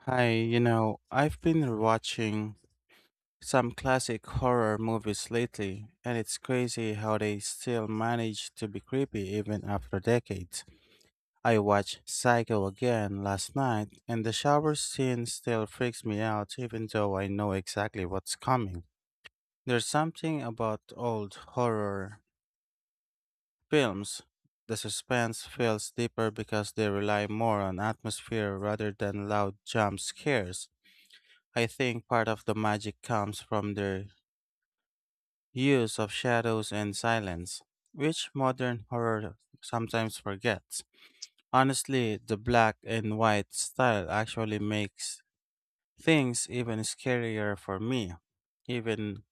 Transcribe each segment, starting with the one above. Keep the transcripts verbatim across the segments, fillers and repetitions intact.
Hi, you know, I've been watching some classic horror movies lately, and it's crazy how they still manage to be creepy even after decades. I watched Psycho again last night, and the shower scene still freaks me out even though I know exactly what's coming. There's something about old horror films. The suspense feels deeper because they rely more on atmosphere rather than loud jump scares. I think part of the magic comes from their use of shadows and silence, which modern horror sometimes forgets. Honestly, the black and white style actually makes things even scarier for me. Even,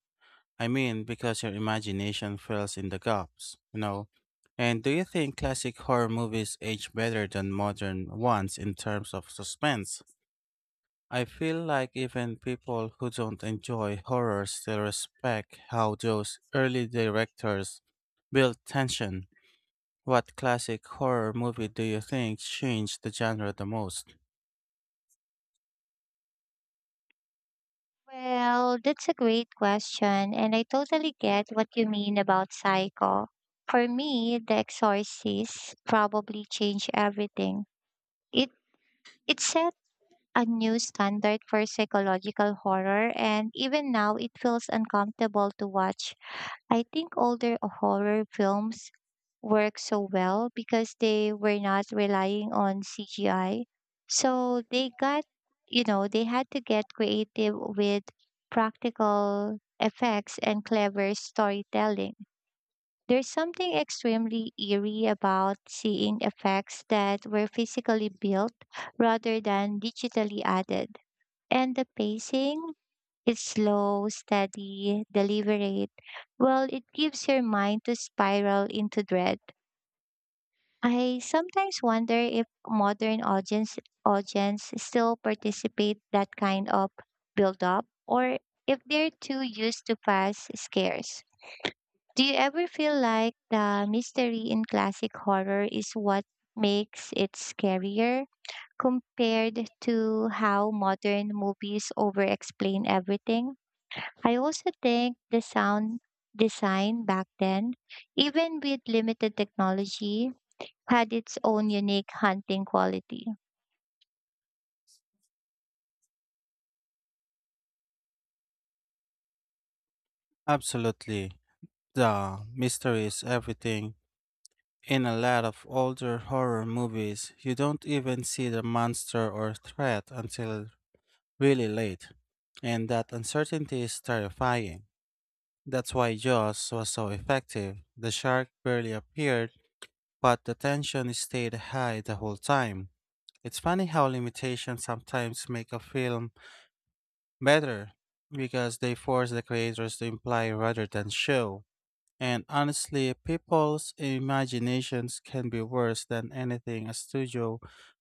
I mean, because your imagination fills in the gaps, you know? And do you think classic horror movies age better than modern ones in terms of suspense? I feel like even people who don't enjoy horror still respect how those early directors built tension. What classic horror movie do you think changed the genre the most? Well, that's a great question, and I totally get what you mean about Psycho. For me, The Exorcist probably changed everything. It it set a new standard for psychological horror, and even now it feels uncomfortable to watch. I think older horror films work so well because they were not relying on C G I. So they got, you know, they had to get creative with practical effects and clever storytelling. There's something extremely eerie about seeing effects that were physically built rather than digitally added. And the pacing, it's slow, steady, deliberate. Well, it gives your mind to spiral into dread. I sometimes wonder if modern audience audience still participate that kind of build up, or if they're too used to fast scares. Do you ever feel like the mystery in classic horror is what makes it scarier compared to how modern movies over explain everything? I also think the sound design back then, even with limited technology, had its own unique hunting quality. Absolutely. The mystery is everything. In a lot of older horror movies, you don't even see the monster or threat until really late, and that uncertainty is terrifying. That's why Jaws was so effective. The shark barely appeared, but the tension stayed high the whole time. It's funny how limitations sometimes make a film better because they force the creators to imply rather than show. And honestly, people's imaginations can be worse than anything a studio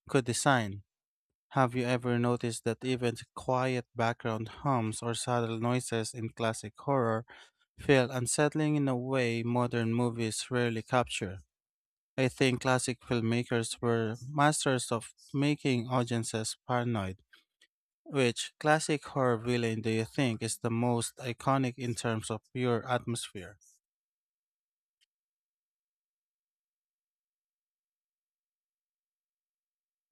could design. Have you ever noticed that even quiet background hums or subtle noises in classic horror feel unsettling in a way modern movies rarely capture? I think classic filmmakers were masters of making audiences paranoid. Which classic horror villain do you think is the most iconic in terms of pure atmosphere?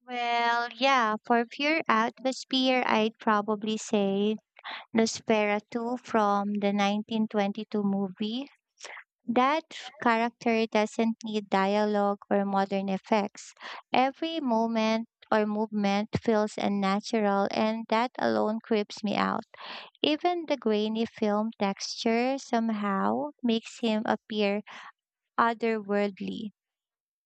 Well, yeah, for pure atmosphere, I'd probably say Nosferatu from the nineteen twenty-two movie. That character doesn't need dialogue or modern effects. Every moment or movement feels unnatural, and that alone creeps me out. Even the grainy film texture somehow makes him appear otherworldly.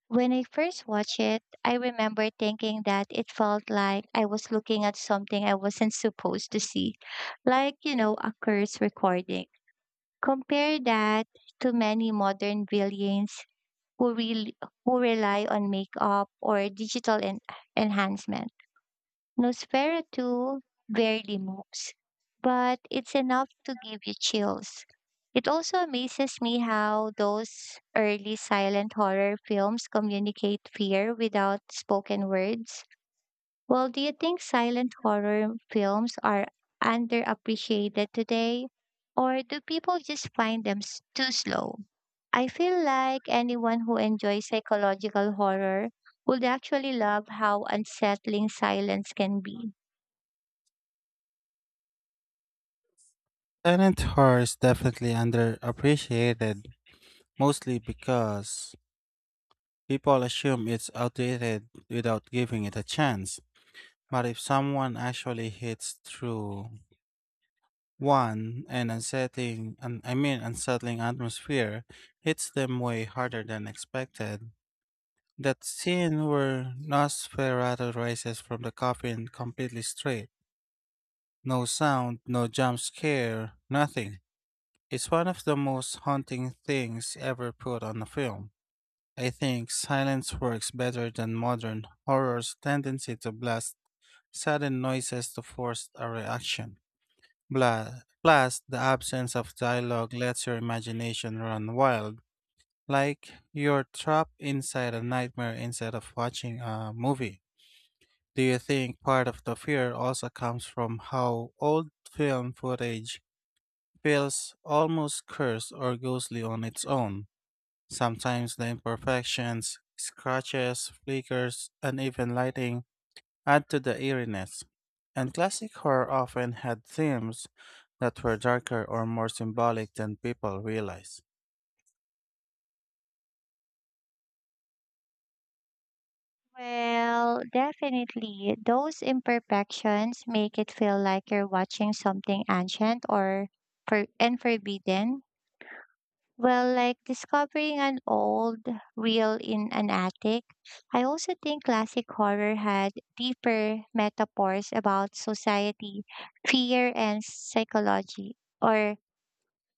When I first watched it, I remember thinking that it felt like I was looking at something I wasn't supposed to see, like, you know, a curse recording. Compare that to many modern villains who, really, who rely on makeup or digital en- enhancement. Nosferatu barely moves, but it's enough to give you chills. It also amazes me how those early silent horror films communicate fear without spoken words. Well, do you think silent horror films are underappreciated today? Or do people just find them s- too slow? I feel like anyone who enjoys psychological horror would actually love how unsettling silence can be. Silent horror is definitely underappreciated, mostly because people assume it's outdated without giving it a chance. But if someone actually hits through one and unsettling, and I mean unsettling, atmosphere hits them way harder than expected. That scene where Nosferatu rises from the coffin completely straight. No sound, no jump scare, nothing. It's one of the most haunting things ever put on a film. I think silence works better than modern horror's tendency to blast sudden noises to force a reaction. Bla- Plus, the absence of dialogue lets your imagination run wild, like you're trapped inside a nightmare instead of watching a movie. Do you think part of the fear also comes from how old film footage feels almost cursed or ghostly on its own? Sometimes the imperfections, scratches, flickers, uneven lighting add to the eeriness. And classic horror often had themes that were darker or more symbolic than people realize. Well, definitely. Those imperfections make it feel like you're watching something ancient or for- and forbidden. Well, like discovering an old reel in an attic. I also think classic horror had deeper metaphors about society, fear, and psychology or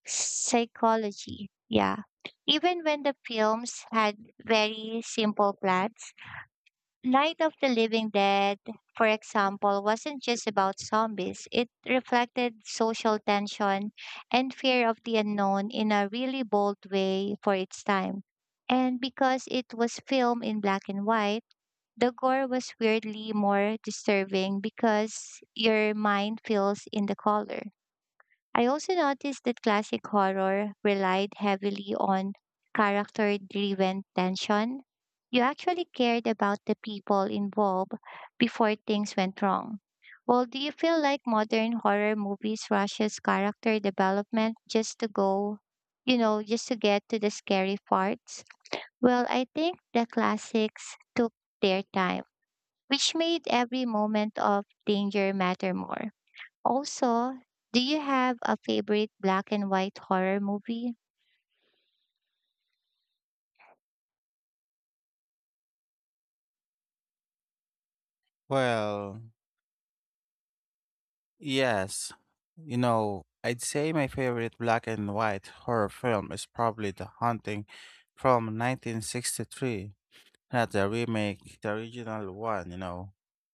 psychology. Yeah. Even when the films had very simple plots, Night of the Living Dead, for example, wasn't just about zombies. It reflected social tension and fear of the unknown in a really bold way for its time. And because it was filmed in black and white, the gore was weirdly more disturbing because your mind feels in the color. I also noticed that classic horror relied heavily on character driven tension. You actually cared about the people involved before things went wrong. Well, do you feel like modern horror movies rushes character development just to go, you know, just to get to the scary parts? Well, I think the classics took their time, which made every moment of danger matter more. Also, do you have a favorite black and white horror movie? Well, yes. You know, I'd say my favorite black and white horror film is probably The Haunting from nineteen sixty-three, not the remake, the original one, you know.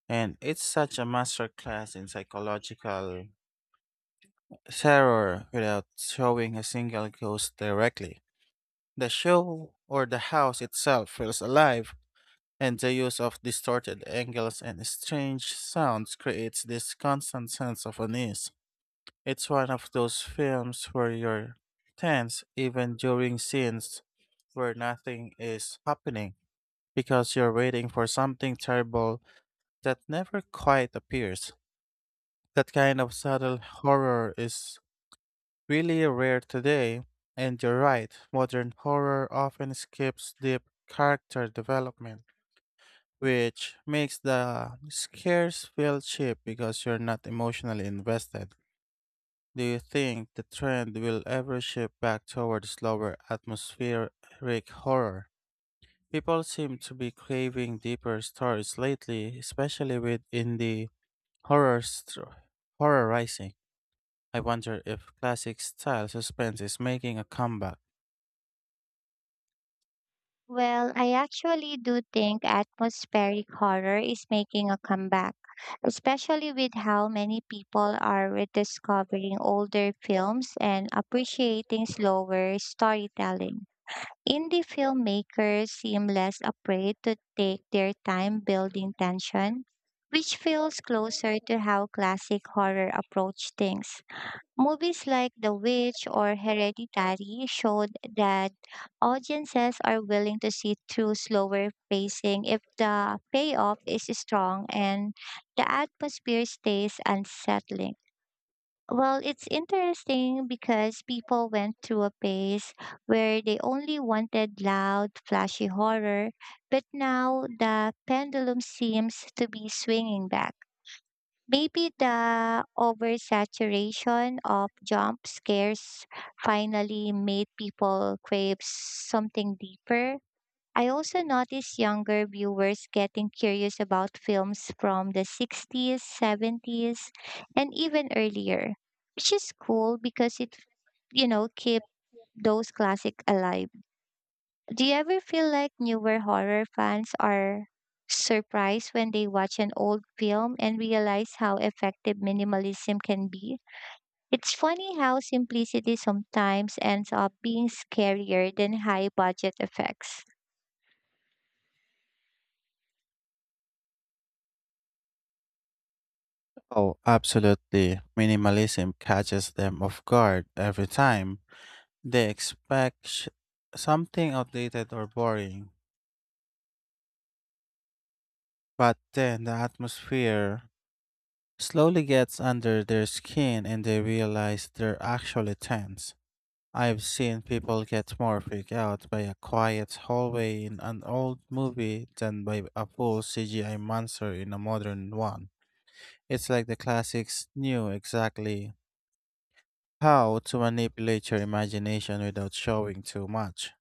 And it's such a masterclass in psychological terror without showing a single ghost directly. The show or the house itself feels alive, and the use of distorted angles and strange sounds creates this constant sense of unease. It's one of those films where you're tense even during scenes where nothing is happening, because you're waiting for something terrible that never quite appears. That kind of subtle horror is really rare today, and you're right, modern horror often skips deep character development, which makes the scares feel cheap because you're not emotionally invested. Do you think the trend will ever shift back toward slower atmospheric horror? People seem to be craving deeper stories lately, especially with indie horror st- horror rising. I wonder if classic style suspense is making a comeback. Well, I actually do think atmospheric horror is making a comeback, especially with how many people are rediscovering older films and appreciating slower storytelling. Indie filmmakers seem less afraid to take their time building tension, which feels closer to how classic horror approach things. Movies like The Witch or Hereditary showed that audiences are willing to see through slower pacing if the payoff is strong and the atmosphere stays unsettling. Well, it's interesting because people went through a phase where they only wanted loud, flashy horror, but now the pendulum seems to be swinging back. Maybe the oversaturation of jump scares finally made people crave something deeper. I also noticed younger viewers getting curious about films from the sixties, seventies, and even earlier, which is cool because it, you know, keep those classic alive. Do you ever feel like newer horror fans are surprised when they watch an old film and realize how effective minimalism can be? It's funny how simplicity sometimes ends up being scarier than high budget effects. Oh, absolutely. Minimalism catches them off guard every time. They expect sh- something outdated or boring, but then the atmosphere slowly gets under their skin and they realize they're actually tense. I've seen people get more freaked out by a quiet hallway in an old movie than by a full C G I monster in a modern one. It's like the classics knew exactly how to manipulate your imagination without showing too much.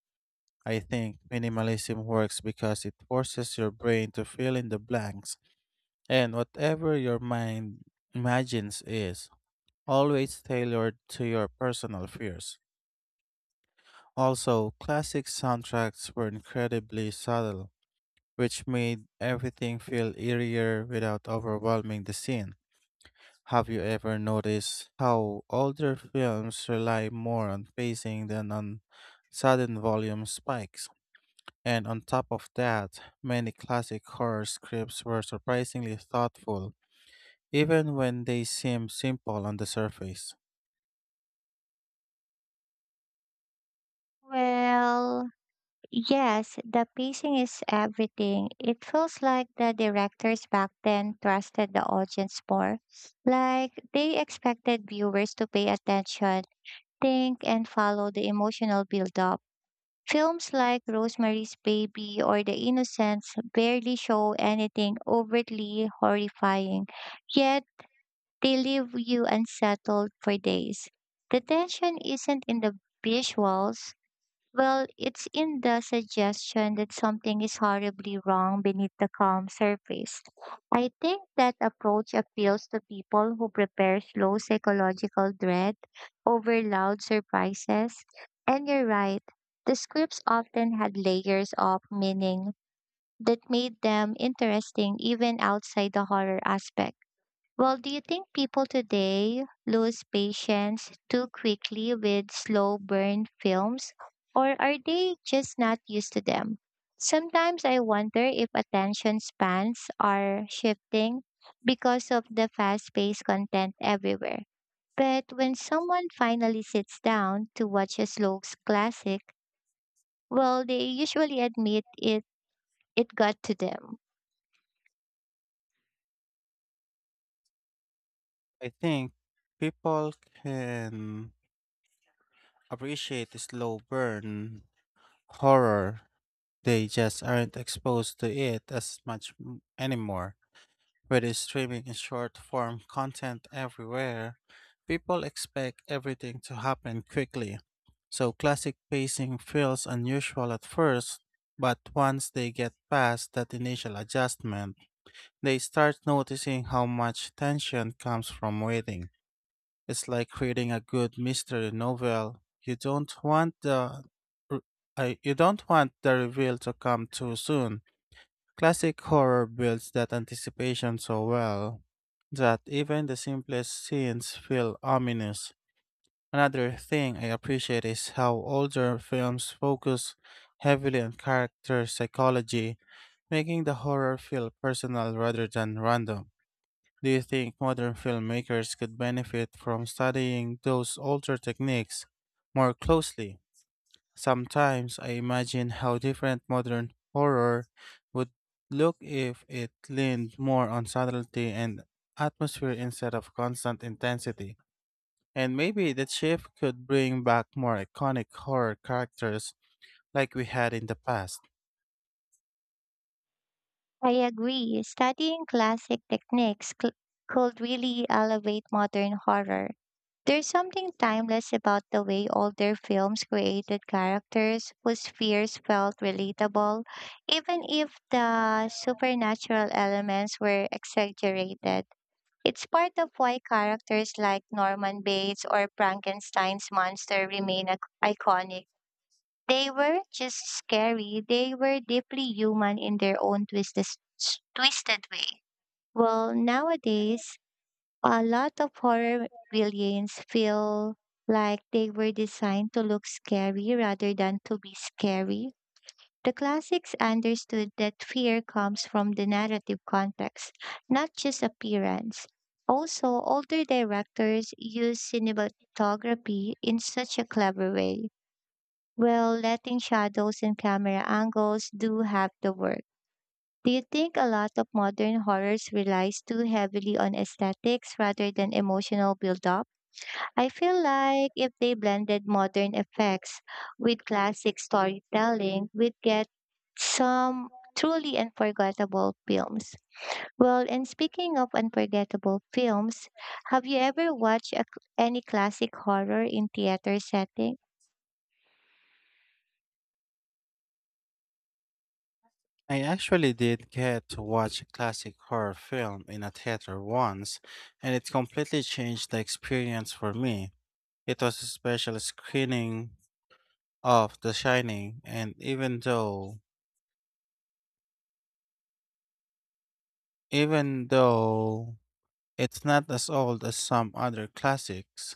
I think minimalism works because it forces your brain to fill in the blanks, and whatever your mind imagines is always tailored to your personal fears. Also, classic soundtracks were incredibly subtle, which made everything feel eerier without overwhelming the scene. Have you ever noticed how older films rely more on pacing than on sudden volume spikes? And on top of that, many classic horror scripts were surprisingly thoughtful, even when they seem simple on the surface. Well, yes, the pacing is everything. It feels like the directors back then trusted the audience more. Like they expected viewers to pay attention, think, and follow the emotional build up. Films like Rosemary's Baby or The Innocents barely show anything overtly horrifying, yet they leave you unsettled for days. The tension isn't in the visuals, well, it's in the suggestion that something is horribly wrong beneath the calm surface. I think that approach appeals to people who prepare slow psychological dread over loud surprises. And you're right, the scripts often had layers of meaning that made them interesting even outside the horror aspect. Well, do you think people today lose patience too quickly with slow burn films, or are they just not used to them? Sometimes I wonder if attention spans are shifting because of the fast paced content everywhere. But when someone finally sits down to watch a slow classic, well, they usually admit it, it got to them. I think people can appreciate the slow burn horror. They just aren't exposed to it as much m- anymore. With streaming and short form content everywhere, people expect everything to happen quickly. So classic pacing feels unusual at first, but once they get past that initial adjustment, they start noticing how much tension comes from waiting. It's like reading a good mystery novel. You don't want the r- I- you don't want the reveal to come too soon. Classic horror builds that anticipation so well that even the simplest scenes feel ominous. Another thing I appreciate is how older films focus heavily on character psychology, making the horror feel personal rather than random. Do you think modern filmmakers could benefit from studying those older techniques more closely? Sometimes I imagine how different modern horror would look if it leaned more on subtlety and atmosphere instead of constant intensity. And maybe that shift could bring back more iconic horror characters like we had in the past. I agree. Studying classic techniques cl- could really elevate modern horror. There's something timeless about the way older films created characters whose fears felt relatable, even if the supernatural elements were exaggerated. It's part of why characters like Norman Bates or Frankenstein's monster remain ac- iconic. They were just scary, they were deeply human in their own twisted, twisted way. Well, nowadays, a lot of horror villains feel like they were designed to look scary rather than to be scary. The classics understood that fear comes from the narrative context, not just appearance. Also, older directors use cinematography in such a clever way, well, letting shadows and camera angles do have the work. Do you think a lot of modern horrors relies too heavily on aesthetics rather than emotional build-up? I feel like if they blended modern effects with classic storytelling, we'd get some truly unforgettable films. Well, and speaking of unforgettable films, have you ever watched a, cl- any classic horror in theater setting? I actually did get to watch a classic horror film in a theater once, and it completely changed the experience for me. It was a special screening of The Shining, and even though Even though it's not as old as some other classics,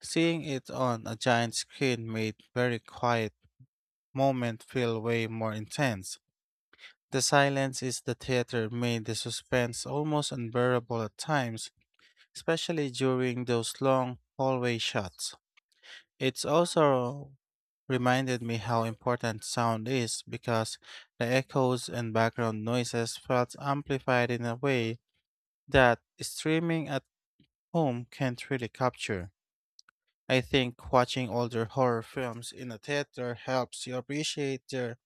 seeing it on a giant screen made very quiet moment feel way more intense. The silence is the theater made the suspense almost unbearable at times, especially during those long hallway shots. It's also reminded me how important sound is, because the echoes and background noises felt amplified in a way that streaming at home can't really capture. I think watching older horror films in a theater helps you appreciate their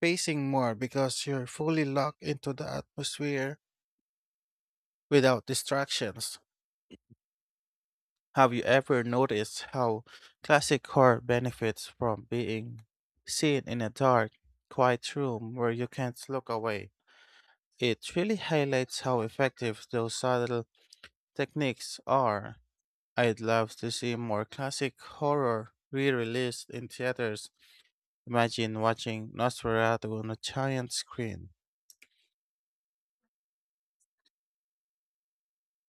pacing more, because you're fully locked into the atmosphere without distractions. Have you ever noticed how classic horror benefits from being seen in a dark, quiet room where you can't look away? It really highlights how effective those subtle techniques are. I'd love to see more classic horror re-released in theaters. Imagine watching Nosferatu on a giant screen.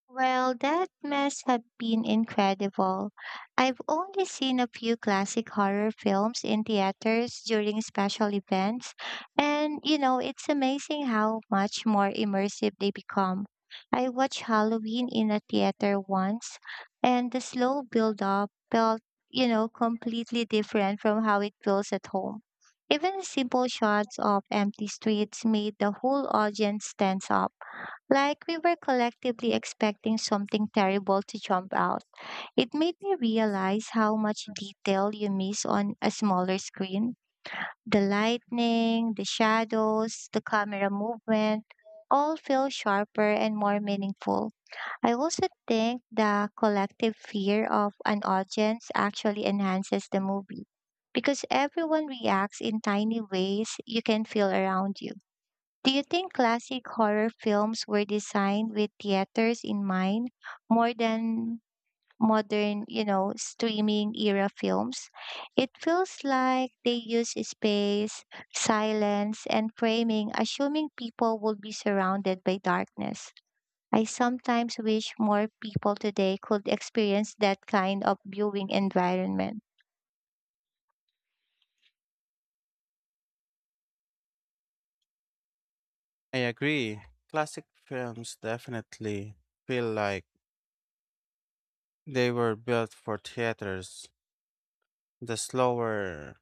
Well, that must have been incredible. I've only seen a few classic horror films in theaters during special events, and you know, it's amazing how much more immersive they become. I watched Halloween in a theater once, and the slow build up felt, you know, completely different from how it feels at home. Even simple shots of empty streets made the whole audience tense up. Like we were collectively expecting something terrible to jump out. It made me realize how much detail you miss on a smaller screen. The lightning, the shadows, the camera movement all feel sharper and more meaningful. I also think the collective fear of an audience actually enhances the movie because everyone reacts in tiny ways you can feel around you. Do you think classic horror films were designed with theaters in mind more than modern, you know, streaming era films? It feels like they use space, silence, and framing, assuming people would be surrounded by darkness. I sometimes wish more people today could experience that kind of viewing environment. I agree. Classic films definitely feel like they were built for theaters. The slower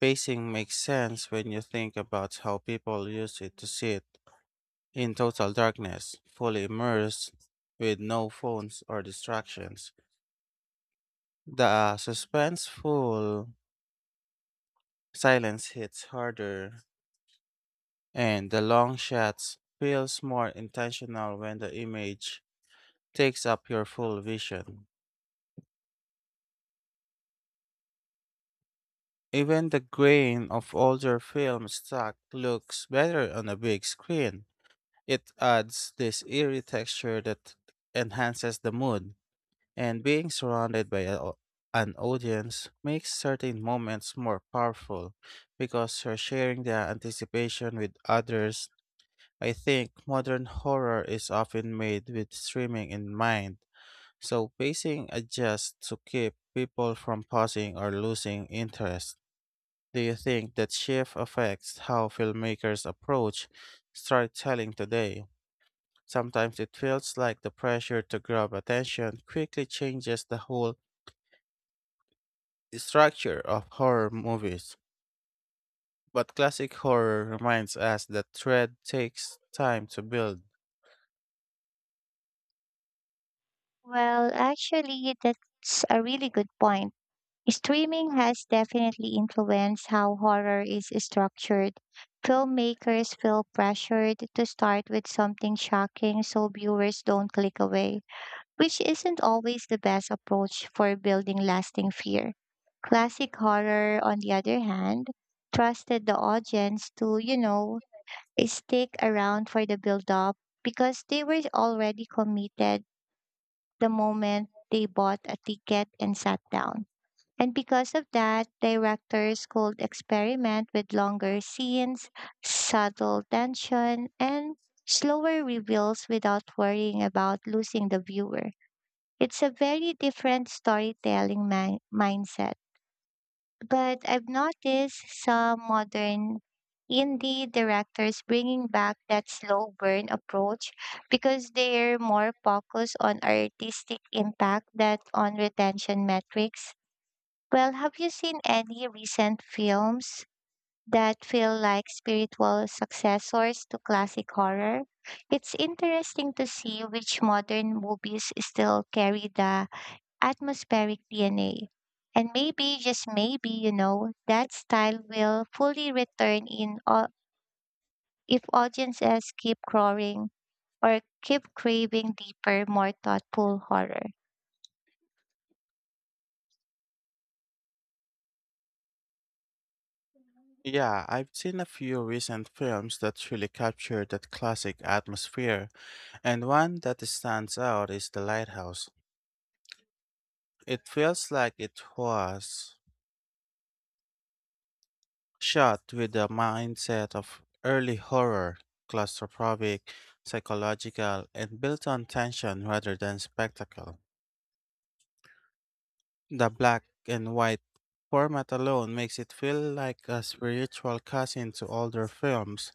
pacing makes sense when you think about how people used it to sit in total darkness, fully immersed, with no phones or distractions. The suspenseful silence hits harder. And the long shots feels more intentional when the image takes up your full vision. Even the grain of older film stock looks better on a big screen. It adds this eerie texture that enhances the mood, and being surrounded by a, an audience makes certain moments more powerful, because you're sharing the anticipation with others. I think modern horror is often made with streaming in mind. So pacing adjusts to keep people from pausing or losing interest. Do you think that shift affects how filmmakers approach storytelling today? Sometimes it feels like the pressure to grab attention quickly changes the whole structure of horror movies. But classic horror reminds us that thread takes time to build. Well, actually, that's a really good point. Streaming has definitely influenced how horror is structured. Filmmakers feel pressured to start with something shocking so viewers don't click away, which isn't always the best approach for building lasting fear. Classic horror, on the other hand, trusted the audience to, you know, stick around for the build up because they were already committed the moment they bought a ticket and sat down. And because of that, directors could experiment with longer scenes, subtle tension, and slower reveals without worrying about losing the viewer. It's a very different storytelling mi- mindset. But I've noticed some modern indie directors bringing back that slow burn approach because they're more focused on artistic impact than on retention metrics. Well, have you seen any recent films that feel like spiritual successors to classic horror? It's interesting to see which modern movies still carry the atmospheric D N A. And maybe, just maybe, you know, that style will fully return in au- if audiences keep crowing or keep craving deeper, more thoughtful horror. Yeah, I've seen a few recent films that really capture that classic atmosphere. And one that stands out is The Lighthouse. It feels like it was shot with the mindset of early horror: claustrophobic, psychological, and built on tension rather than spectacle. The black and white format alone makes it feel like a spiritual cousin to older films,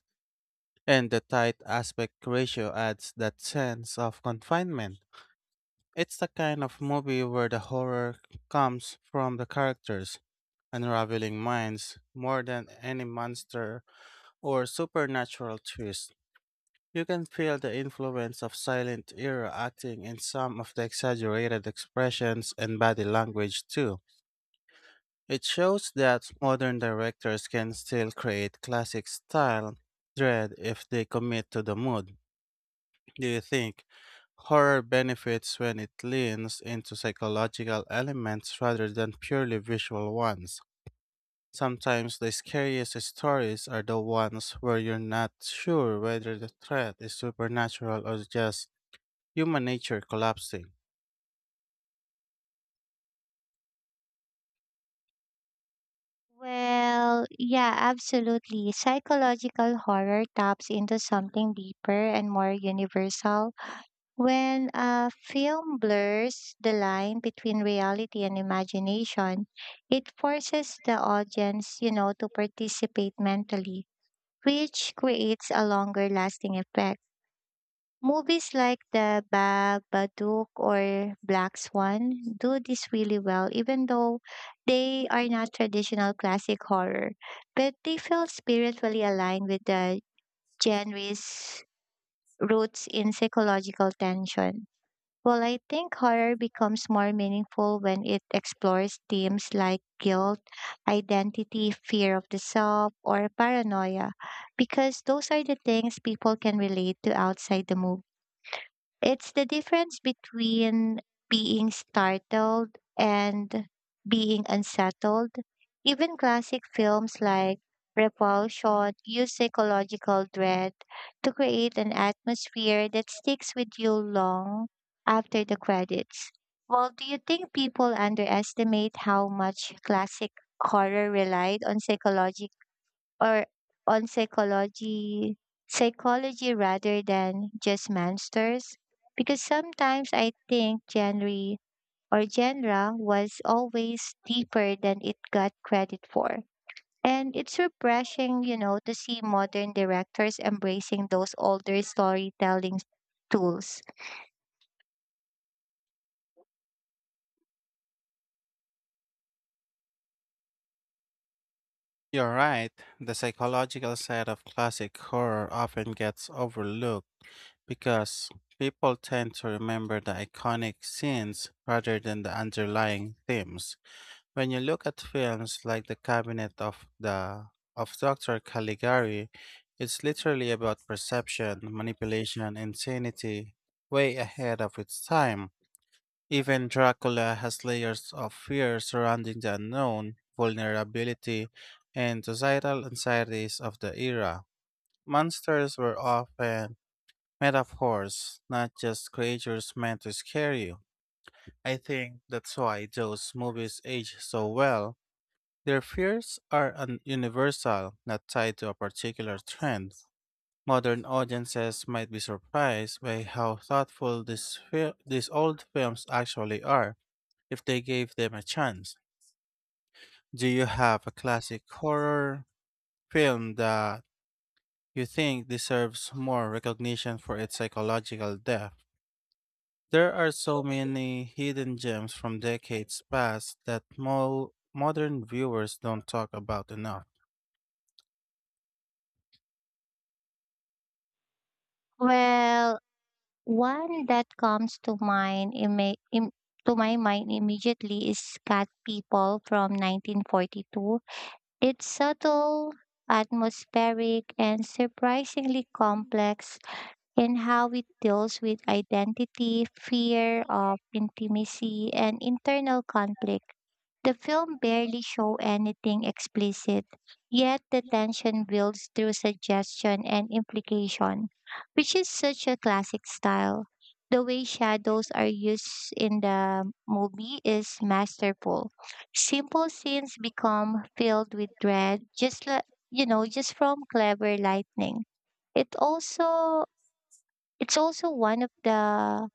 and the tight aspect ratio adds that sense of confinement. It's the kind of movie where the horror comes from the characters unraveling minds more than any monster or supernatural twist. You can feel the influence of silent era acting in some of the exaggerated expressions and body language too. It shows that modern directors can still create classic style dread if they commit to the mood. Do you think horror benefits when it leans into psychological elements rather than purely visual ones? Sometimes the scariest stories are the ones where you're not sure whether the threat is supernatural or just human nature collapsing. Well, yeah, absolutely. Psychological horror taps into something deeper and more universal. When a film blurs the line between reality and imagination, it forces the audience, you know, to participate mentally, which creates a longer lasting effect. Movies like The Bag, Badook, or Black Swan do this really well, even though they are not traditional classic horror. But they feel spiritually aligned with the genre's roots in psychological tension. Well, I think horror becomes more meaningful when it explores themes like guilt, identity, fear of the self, or paranoia, because those are the things people can relate to outside the movie. It's the difference between being startled and being unsettled. Even classic films like Repulsion use psychological dread to create an atmosphere that sticks with you long after the credits. Well, do you think people underestimate how much classic horror relied on psychological? Or on psychology psychology rather than just monsters, because sometimes I think genre or genre was always deeper than it got credit for. And it's refreshing, you know to see modern directors embracing those older storytelling tools. You're right, the psychological side of classic horror often gets overlooked, because people tend to remember the iconic scenes rather than the underlying themes. When you look at films like The Cabinet of the of Doctor Caligari, it's literally about perception, manipulation, insanity, way ahead of its time. Even Dracula has layers of fear surrounding the unknown, vulnerability, and societal anxieties of the era. Monsters were often metaphors, not just creatures meant to scare you. I think that's why those movies age so well their fears are un- universal, not tied to a particular trend. Modern audiences might be surprised by how thoughtful these, fil- these old films actually are, if they gave them a chance. Do you have a classic horror film that you think deserves more recognition for its psychological depth? There are so many hidden gems from decades past that mo- modern viewers don't talk about enough. Well, one that comes to mind imme- im- to my mind immediately is cat people from nineteen forty-two. It's subtle, atmospheric, and surprisingly complex in how it deals with identity, fear of intimacy, and internal conflict. The film barely show anything explicit, yet the tension builds through suggestion and implication, which is such a classic style. The way shadows are used in the movie is masterful. Simple scenes become filled with dread, just like, you know, just from clever lightning. It also it's also one of the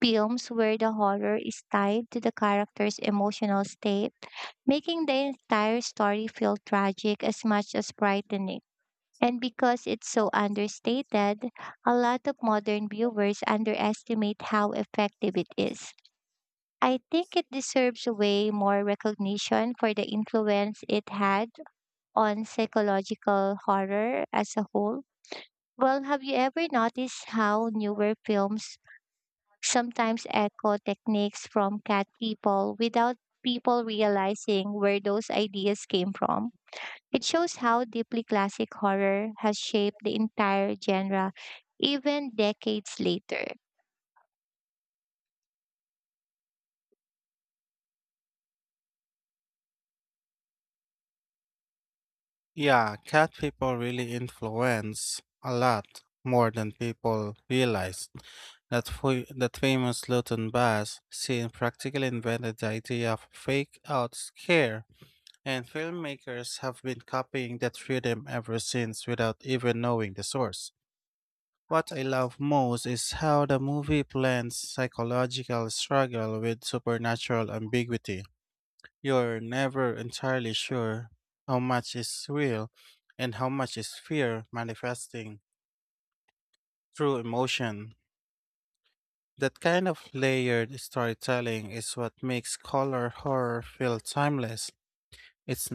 films where the horror is tied to the character's emotional state, making the entire story feel tragic as much as frightening. And because it's so understated, a lot of modern viewers underestimate how effective it is. I think it deserves way more recognition for the influence it had on psychological horror as a whole. Well, have you ever noticed how newer films sometimes echo techniques from cat people without people realizing where those ideas came from. It shows how deeply classic horror has shaped the entire genre, even decades later. Yeah, Cat People really influence a lot more than people realize. That, fa- that famous Luton Bass scene practically invented the idea of fake out scare, and filmmakers have been copying that rhythm ever since without even knowing the source. What I love most is how the movie blends psychological struggle with supernatural ambiguity. You're never entirely sure how much is real and how much is fear manifesting through emotion. That kind of layered storytelling is what makes color horror feel timeless. It's